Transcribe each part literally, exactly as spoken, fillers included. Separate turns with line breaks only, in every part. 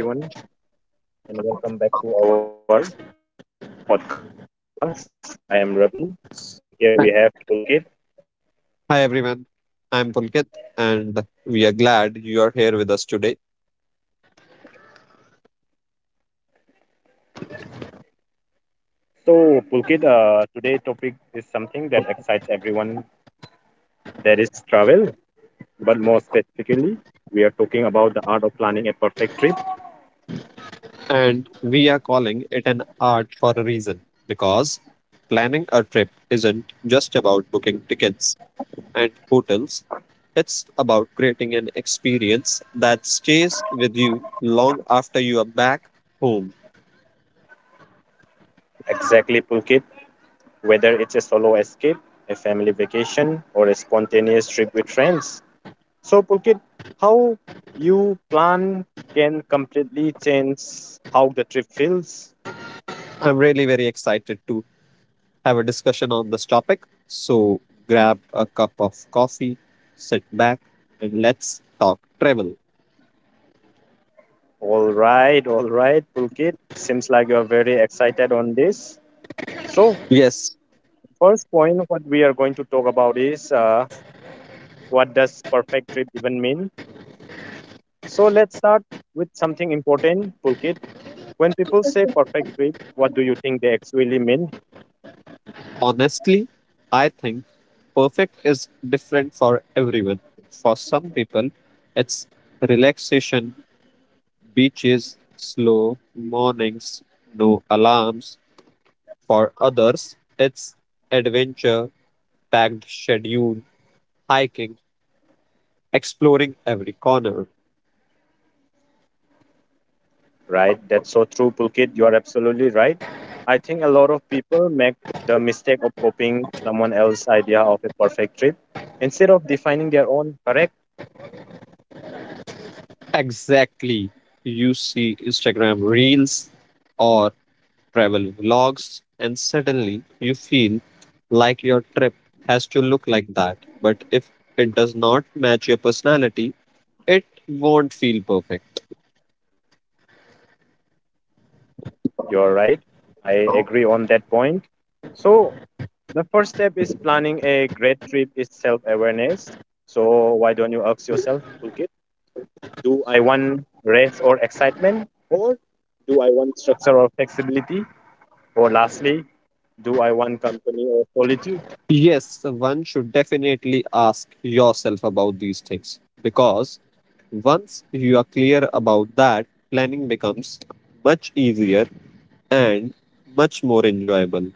Hello, everyone, and welcome back to our podcast. I am Ravi, and here we have Pulkit.
Hi everyone, I'm Pulkit and we are glad you are here with us today.
So, Pulkit, uh, today topic is something that excites everyone. That is travel, but more specifically, we are talking about the art of planning a perfect trip.
And we are calling it an art for a reason because planning a trip isn't just about booking tickets and hotels, it's about creating an experience that stays with you long after you are back home.
Exactly, Pulkit. Whether it's a solo escape, a family vacation, or a spontaneous trip with friends. So, Pulkit, how you plan can completely change how the trip feels.
I'm really very excited to have a discussion on this topic. So grab a cup of coffee, sit back, and let's talk travel.
All right, all right, Pulkit. Seems like you're very excited on this. So,
Yes,
first point, what we are going to talk about is uh, what does perfect trip even mean? So, let's start with something important, Pulkit. When people say perfect trip, what do you think they actually mean?
honestly, I think perfect is different for everyone. For some people, it's relaxation, beaches, slow mornings, no alarms. For others, it's adventure, packed schedule, hiking, exploring every corner.
Right, that's so true, Pulkit. You are absolutely right. I think a lot of people make the mistake of copying someone else's idea of a perfect trip instead of defining their own, correct?
Exactly. You see Instagram reels or travel vlogs, and suddenly you feel like your trip has to look like that. But if it does not match your personality, it won't feel perfect.
You're right. I agree on that point. So, the first step is planning a great trip is self awareness. So, why don't you ask yourself, Pulkit, do I want rest or excitement? Or do I want structure or flexibility? Or lastly, do I want company or solitude?
Yes, one should definitely ask yourself about these things because once you are clear about that, planning becomes much easier and much more enjoyable.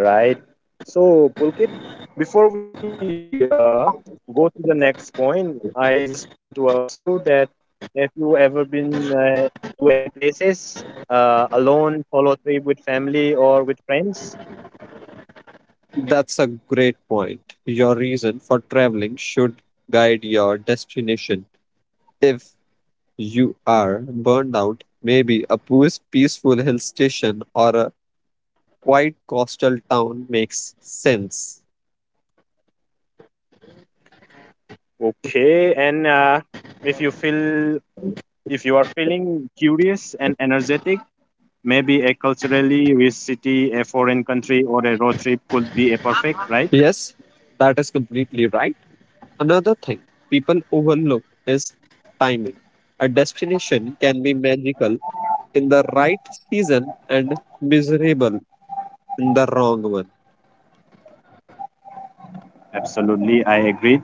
Yeah, right. So, Pulkit, before we uh, go to the next point, I just want to ask you that have you ever been uh, to any places uh, alone, solo trip with family or with friends?
That's a great point. Your reason for traveling should guide your destination. If you are burned out, maybe a peace- peaceful hill station or a quiet coastal town makes sense.
Okay, and uh, if you feel if you are feeling curious and energetic, maybe a culturally rich city, a foreign country, or a road trip could be a perfect, right?
Yes, that is completely right. Another thing people overlook is timing. A destination can be magical in the right season and miserable in the wrong one.
Absolutely, I agree.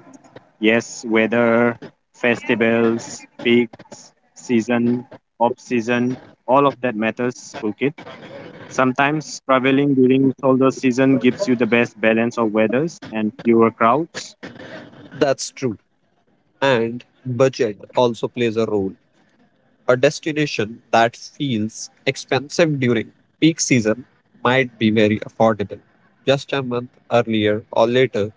Yes, weather, festivals, peaks, season, off season, all of that matters, Phuket. Sometimes traveling during shoulder season gives you the best balance of weathers and fewer crowds.
That's true. And budget also plays a role. A destination that feels expensive during peak season might be very affordable just a month earlier or later.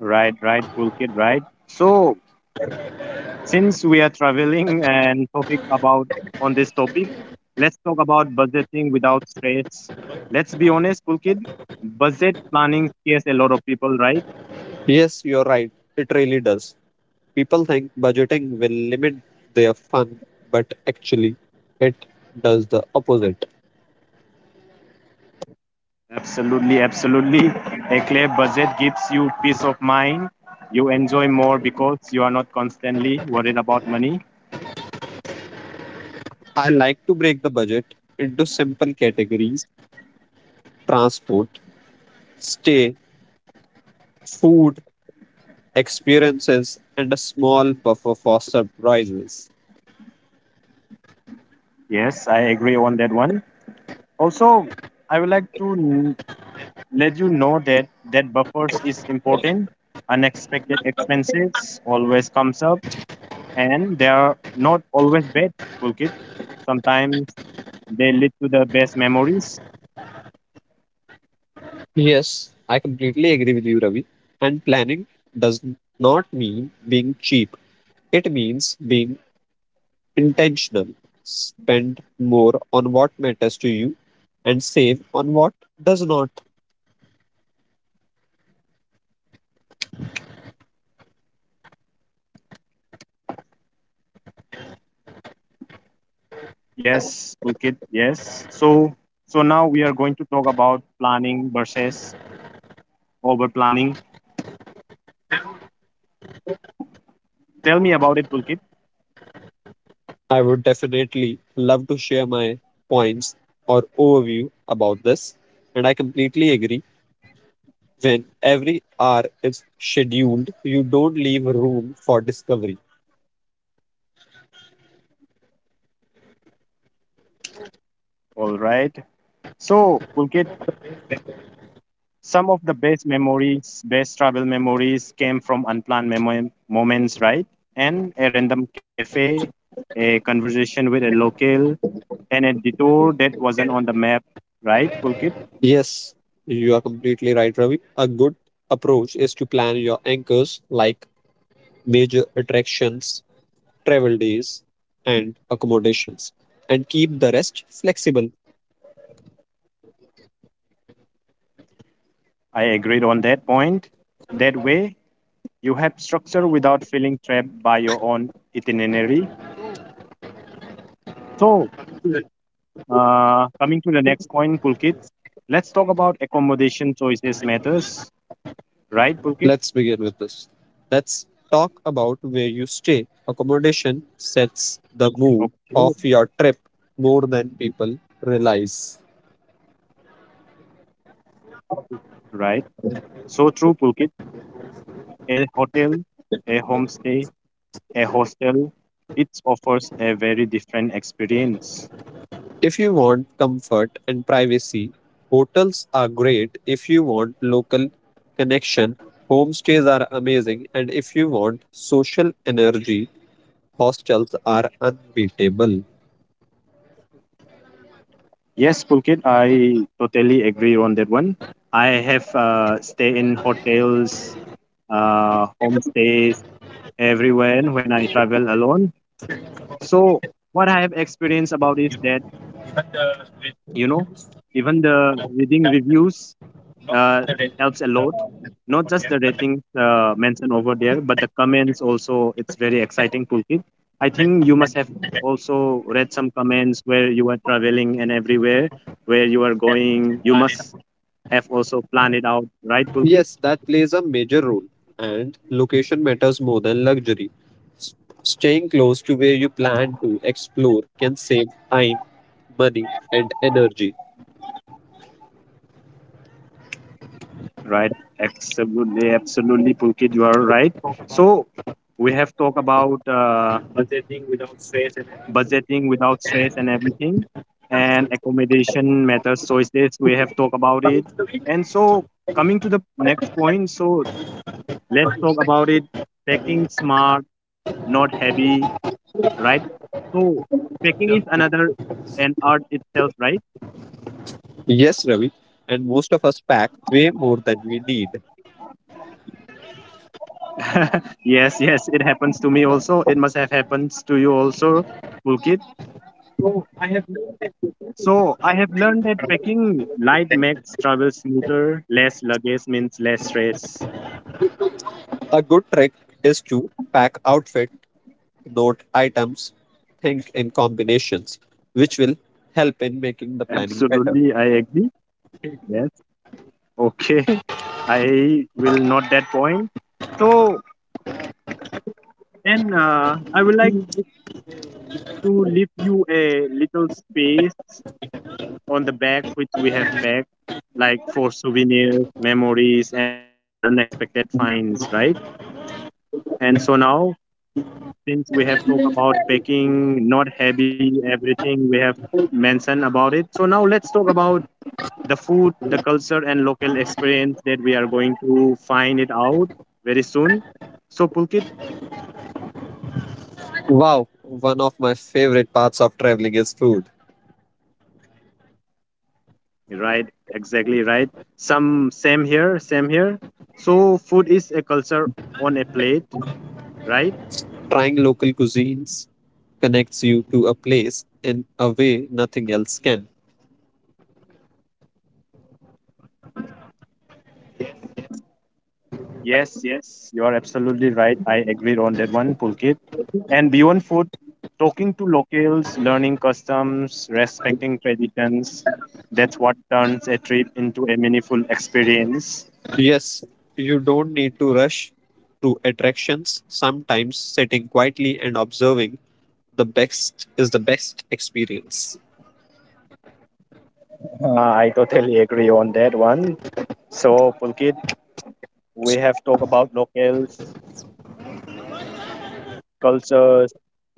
Right, right, Phuket, right. So, since we are traveling and topic about on this topic, let's talk about budgeting without stress. Let's be honest, Phuket. Budget planning scares a lot of people, right?
Yes, you're right. It really does. People think budgeting will limit their fun, but actually, it does the opposite.
Absolutely, absolutely. A clear budget gives you peace of mind. You enjoy more because you are not constantly worried about money.
I like to break the budget into simple categories: transport, stay, food, experiences, and a small buffer for surprises.
Yes, I agree on that one. Also, I would like to n- let you know that that buffers is important. Unexpected expenses always comes up, and they are not always bad, Pulkit. Sometimes they lead to the best memories.
Yes, I completely agree with you, Ravi. And planning does not mean being cheap, it means being intentional. Spend more on what matters to you and save on what does not.
Yes, Pulkit. Yes. So, so now we are going to talk about planning versus over planning. Tell me about it, Pulkit.
I would definitely love to share my points or overview about this. And I completely agree. When every hour is scheduled, you don't leave room for discovery.
All right. So, Pulkit, some of the best memories, best travel memories came from unplanned memo- moments, right? And a random cafe, a conversation with a local, and a detour that wasn't on the map, right, Pulkit?
Yes, you are completely right, Ravi. A good approach is to plan your anchors like major attractions, travel days, and accommodations, and keep the rest flexible.
I agreed on that point. That way, you have structure without feeling trapped by your own itinerary. So, uh, coming to the next point, Pulkit, let's talk about accommodation choices matters, right,
Let's
Pulkit?
begin with this. Let's talk about where you stay. Accommodation sets the mood of
Okay,
your trip more than people realize.
right. So true, Pulkit. A hotel, a homestay, a hostel, it offers a very different experience.
If you want comfort and privacy, hotels are great. If you want local connection, homestays are amazing. And if you want social energy, hostels are unbeatable.
Yes, Pulkit, I totally agree on that one. I have uh, stay in hotels, uh, homestays everywhere when I travel alone. So what I have experienced about is that you know even the reading reviews uh, helps a lot, not just the ratings uh, mentioned over there, but the comments also, it's very exciting toolkit. I think you must have also read some comments where you are traveling and everywhere where you are going you must have also planned it out, right, Pulkit?
Yes, that plays a major role. And location matters more than luxury. S- Staying close to where you plan to explore can save time, money, and energy.
Right, absolutely, absolutely, Pulkit. You are right. So we have talked about uh, budgeting without stress and everything, and accommodation matters choices we have talked about it. And so, coming to the next point, so let's talk about it, packing smart, not heavy, right? So packing is another an art itself, right?
Yes, Ravi. And most of us pack way more than we need.
Yes, yes, it happens to me also, it must have happened to you also, Pulkit. So I have learned that packing light makes travel smoother, less luggage means less stress.
A good trick is to pack outfit, note items, think in combinations, which will help in making the planning better.
Absolutely, I agree. Yes. Okay. I will note that point. So, and uh, I would like to leave you a little space on the bag which we have packed, like for souvenirs, memories, and unexpected finds, right? And so now, since we have talked about packing, not heavy, everything we have mentioned about it. So now let's talk about the food, the culture, and local experience that we are going to find it out very soon. So, Pulkit,
Wow, one of my favorite parts of traveling is food.
right, exactly right. Some same here, same here. So, food is a culture on a plate, right?
Trying local cuisines connects you to a place in a way nothing else can.
Yes, yes, you are absolutely right. I agree on that one, Pulkit. And beyond food, talking to locals, learning customs, respecting traditions, that's what turns a trip into a meaningful experience.
Yes, you don't need to rush through attractions. Sometimes sitting quietly and observing the best is the best experience.
Uh, I totally agree on that one. So, Pulkit, we have talked about locals, cultures,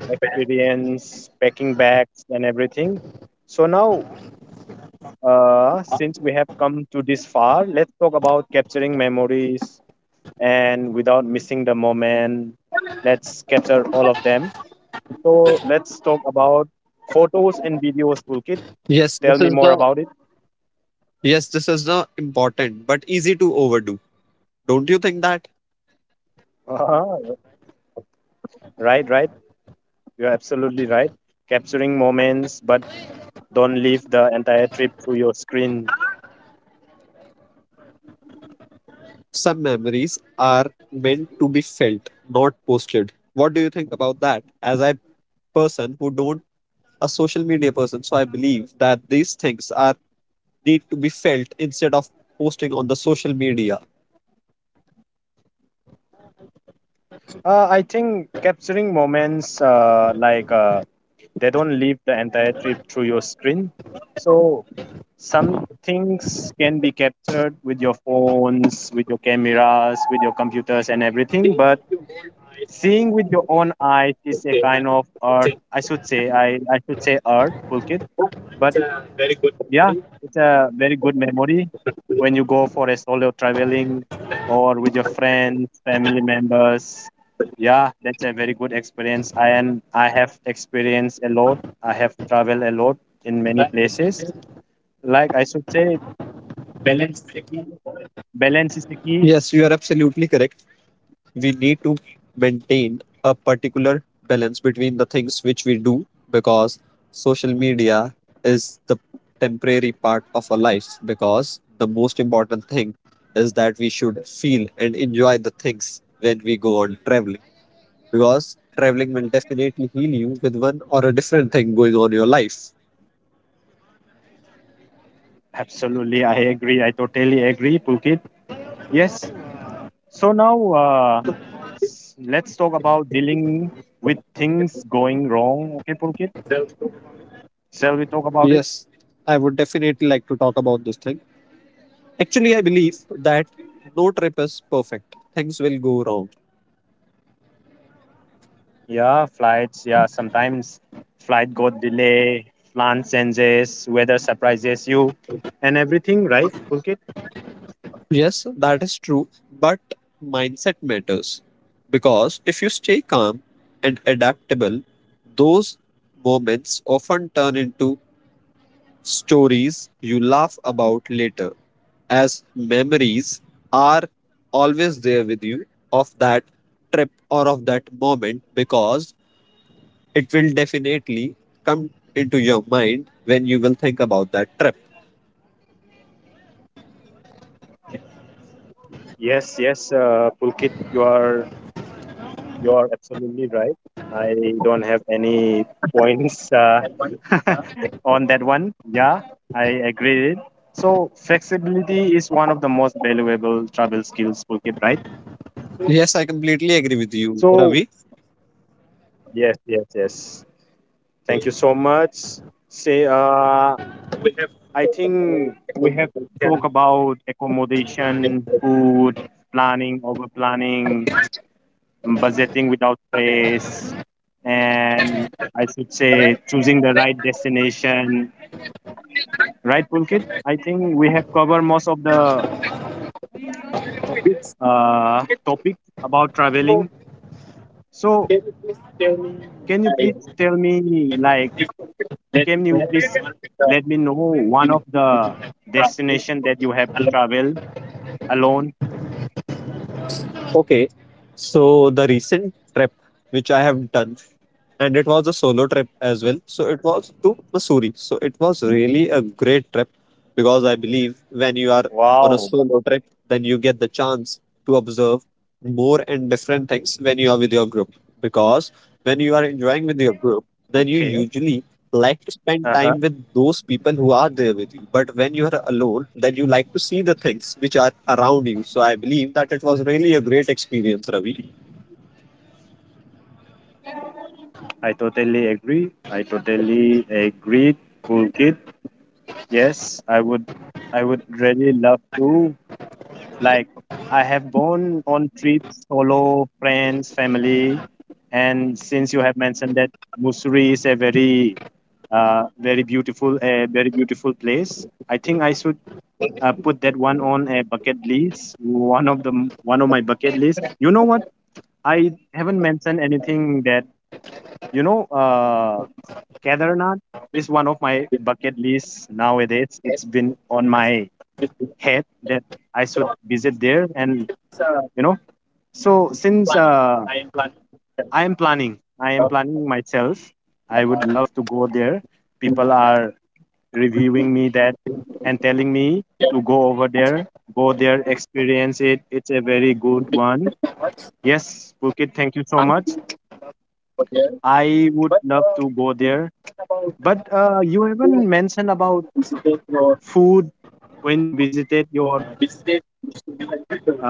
experience, packing bags, and everything. So, now, uh, since we have come to this far, let's talk about capturing memories and without missing the moment. Let's capture all of them. So, let's talk about photos and videos, Pulkit.
Yes,
Tell
this
me
is
more
the
about it.
Yes, this is not important, but easy to overdo. Don't you think that?
Right, right. You're absolutely right. Capturing moments, but don't leave the entire trip through your screen.
Some memories are meant to be felt, not posted. What do you think about that? As a person who don't a social media person, so I believe that these things are need to be felt instead of posting on the social media.
Uh, I think capturing moments uh, like uh, they don't leave the entire trip through your screen. So some things can be captured with your phones, with your cameras, with your computers, and everything. But seeing with your own eyes is a kind of art. I should say, I, I should say art, Pulkit. But yeah, it's a very good memory when you go for a solo traveling or with your friends, family members. Yeah, that's a very good experience. I and I have experienced a lot. I have traveled a lot in many places. Like I should say, balance is the key.
Yes, you are absolutely correct. We need to maintain a particular balance between the things which we do because social media is the temporary part of our lives because the most important thing is that we should feel and enjoy the things when we go on traveling because traveling will definitely heal you with one or a different thing going on in your life.
Absolutely, I agree. I totally agree, Pukit. Yes. So now uh, s- let's talk about dealing with things going wrong. Okay, Pukit. Shall we talk about it?
Yes, I would definitely like to talk about this thing. Actually, I believe that no trip is perfect, things will go wrong.
Yeah, flights. Yeah, sometimes flight got delay, plan changes, weather surprises you, and everything. Right, Pulkit?
Yes, that is true, but mindset matters because if you stay calm and adaptable, those moments often turn into stories you laugh about later, as memories are always there with you of that trip or of that moment because it will definitely come into your mind when you will think about that trip.
Yes, yes, uh, Pulkit. You are you are absolutely right. I don't have any points uh, on that one. Yeah, I agree. It. So flexibility is one of the most valuable travel skills, Pulkit. Right.
Yes, I completely agree with you,
So
Ravi.
yes, yes, yes. Thank you so much. Say, uh, I think we have to talk about accommodation, food, planning, over planning, budgeting without stress, and I should say choosing the right destination. Right, Pulkit? I think we have covered most of the uh, topics about traveling. So, can you please tell me, like, can you please let me know one of the destination that you have traveled alone?
Okay, so the recent trip which I have done and it was a solo trip as well. So it was to Missouri. So it was really a great trip because I believe when you are on a
Wow.
solo trip, then you get the chance to observe more and different things when you are with your group. Because when you are enjoying with your group, then you
Okay.
usually like to
Uh
spend
huh.
time with those people who are there with you. But when you are alone, then you like to see the things which are around you. So I believe that it was really a great experience, Ravi.
I totally agree. I totally agree, Pulkit. Yes, I would. I would really love to. Like, I have gone on trips solo, friends, family, and since you have mentioned that Mussoorie is a very, uh, very beautiful, a very beautiful place, I think I should uh, put that one on a bucket list. One of the one of my bucket list. You know what? I haven't mentioned anything that you know. Uh, Kedarnath is one of my bucket lists nowadays. It's been on my head that I should visit there, and you know, so since uh, I am planning, I am planning myself. I would love to go there. People are reviewing me that and telling me to go over there, go there, experience it. It's a very good one. Yes, Phuket, thank you so much. I would love to go there. But uh, you haven't mentioned about food when you visited your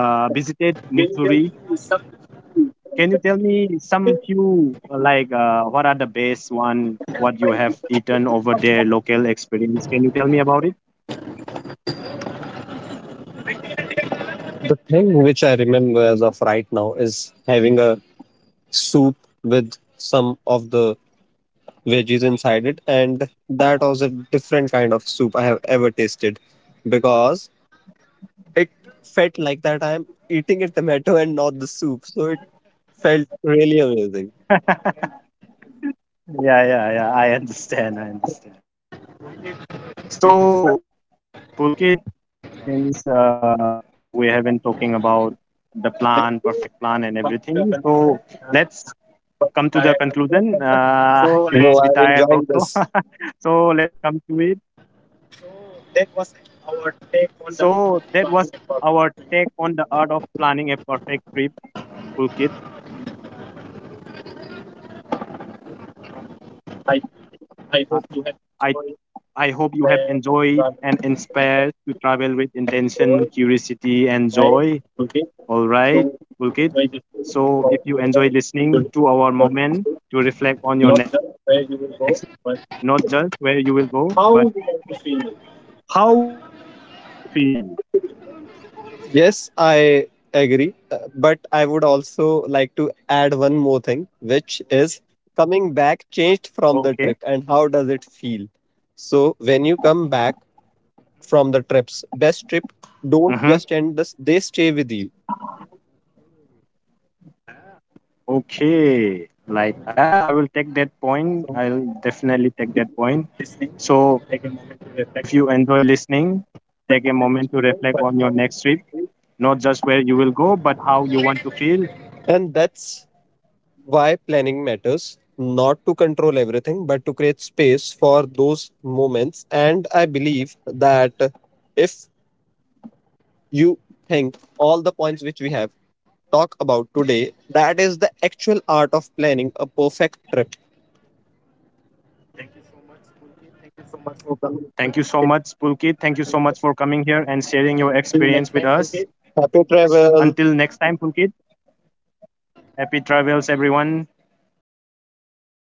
uh, visited Mussoorie. Can you tell me some few uh, like uh, what are the best one? What you have eaten over there? Local experience? Can you tell me about it?
The thing which I remember as of right now is having a soup with some of the veggies inside it, and that was a different kind of soup I have ever tasted because it felt like that I'm eating a tomato and not the soup, so it felt really amazing.
Yeah, yeah, yeah. I understand. I understand. So, Pulkit, since uh, we have been talking about the plan, perfect plan, and everything, so let's come to the conclusion. Uh, you must be
No, I'm
tired
enjoying
also,
this.
so let's come to it. So that was our take on the art of planning a perfect trip, Pulkit. I, I I hope you have enjoyed and inspired to travel with intention, curiosity, and joy. All right, Pulkit. So if you enjoy listening to our moment to reflect on your next trip, not just where you will go, but how you want to feel.
Yes, I agree. Uh, But I would also like to add one more thing, which is coming back changed
Okay.
from the trip and how does it feel? So, when you come back from the trips, best trip
Mm-hmm.
don't just end this, they stay with you.
Okay. Like ah, I will take that point. I'll definitely take that point. So if you enjoy listening, take a moment to reflect on your next trip, not just where you will go, but how you want to feel.
And that's why planning matters, not to control everything, but to create space for those moments. And I believe that if you think all the points which we have, talk about today, that is the actual art of planning a perfect trip.
Thank you so much, Pulkit. Thank you so much for coming here and sharing your experience with us.
Happy travel.
Until next time, Pulkit, happy travels, everyone.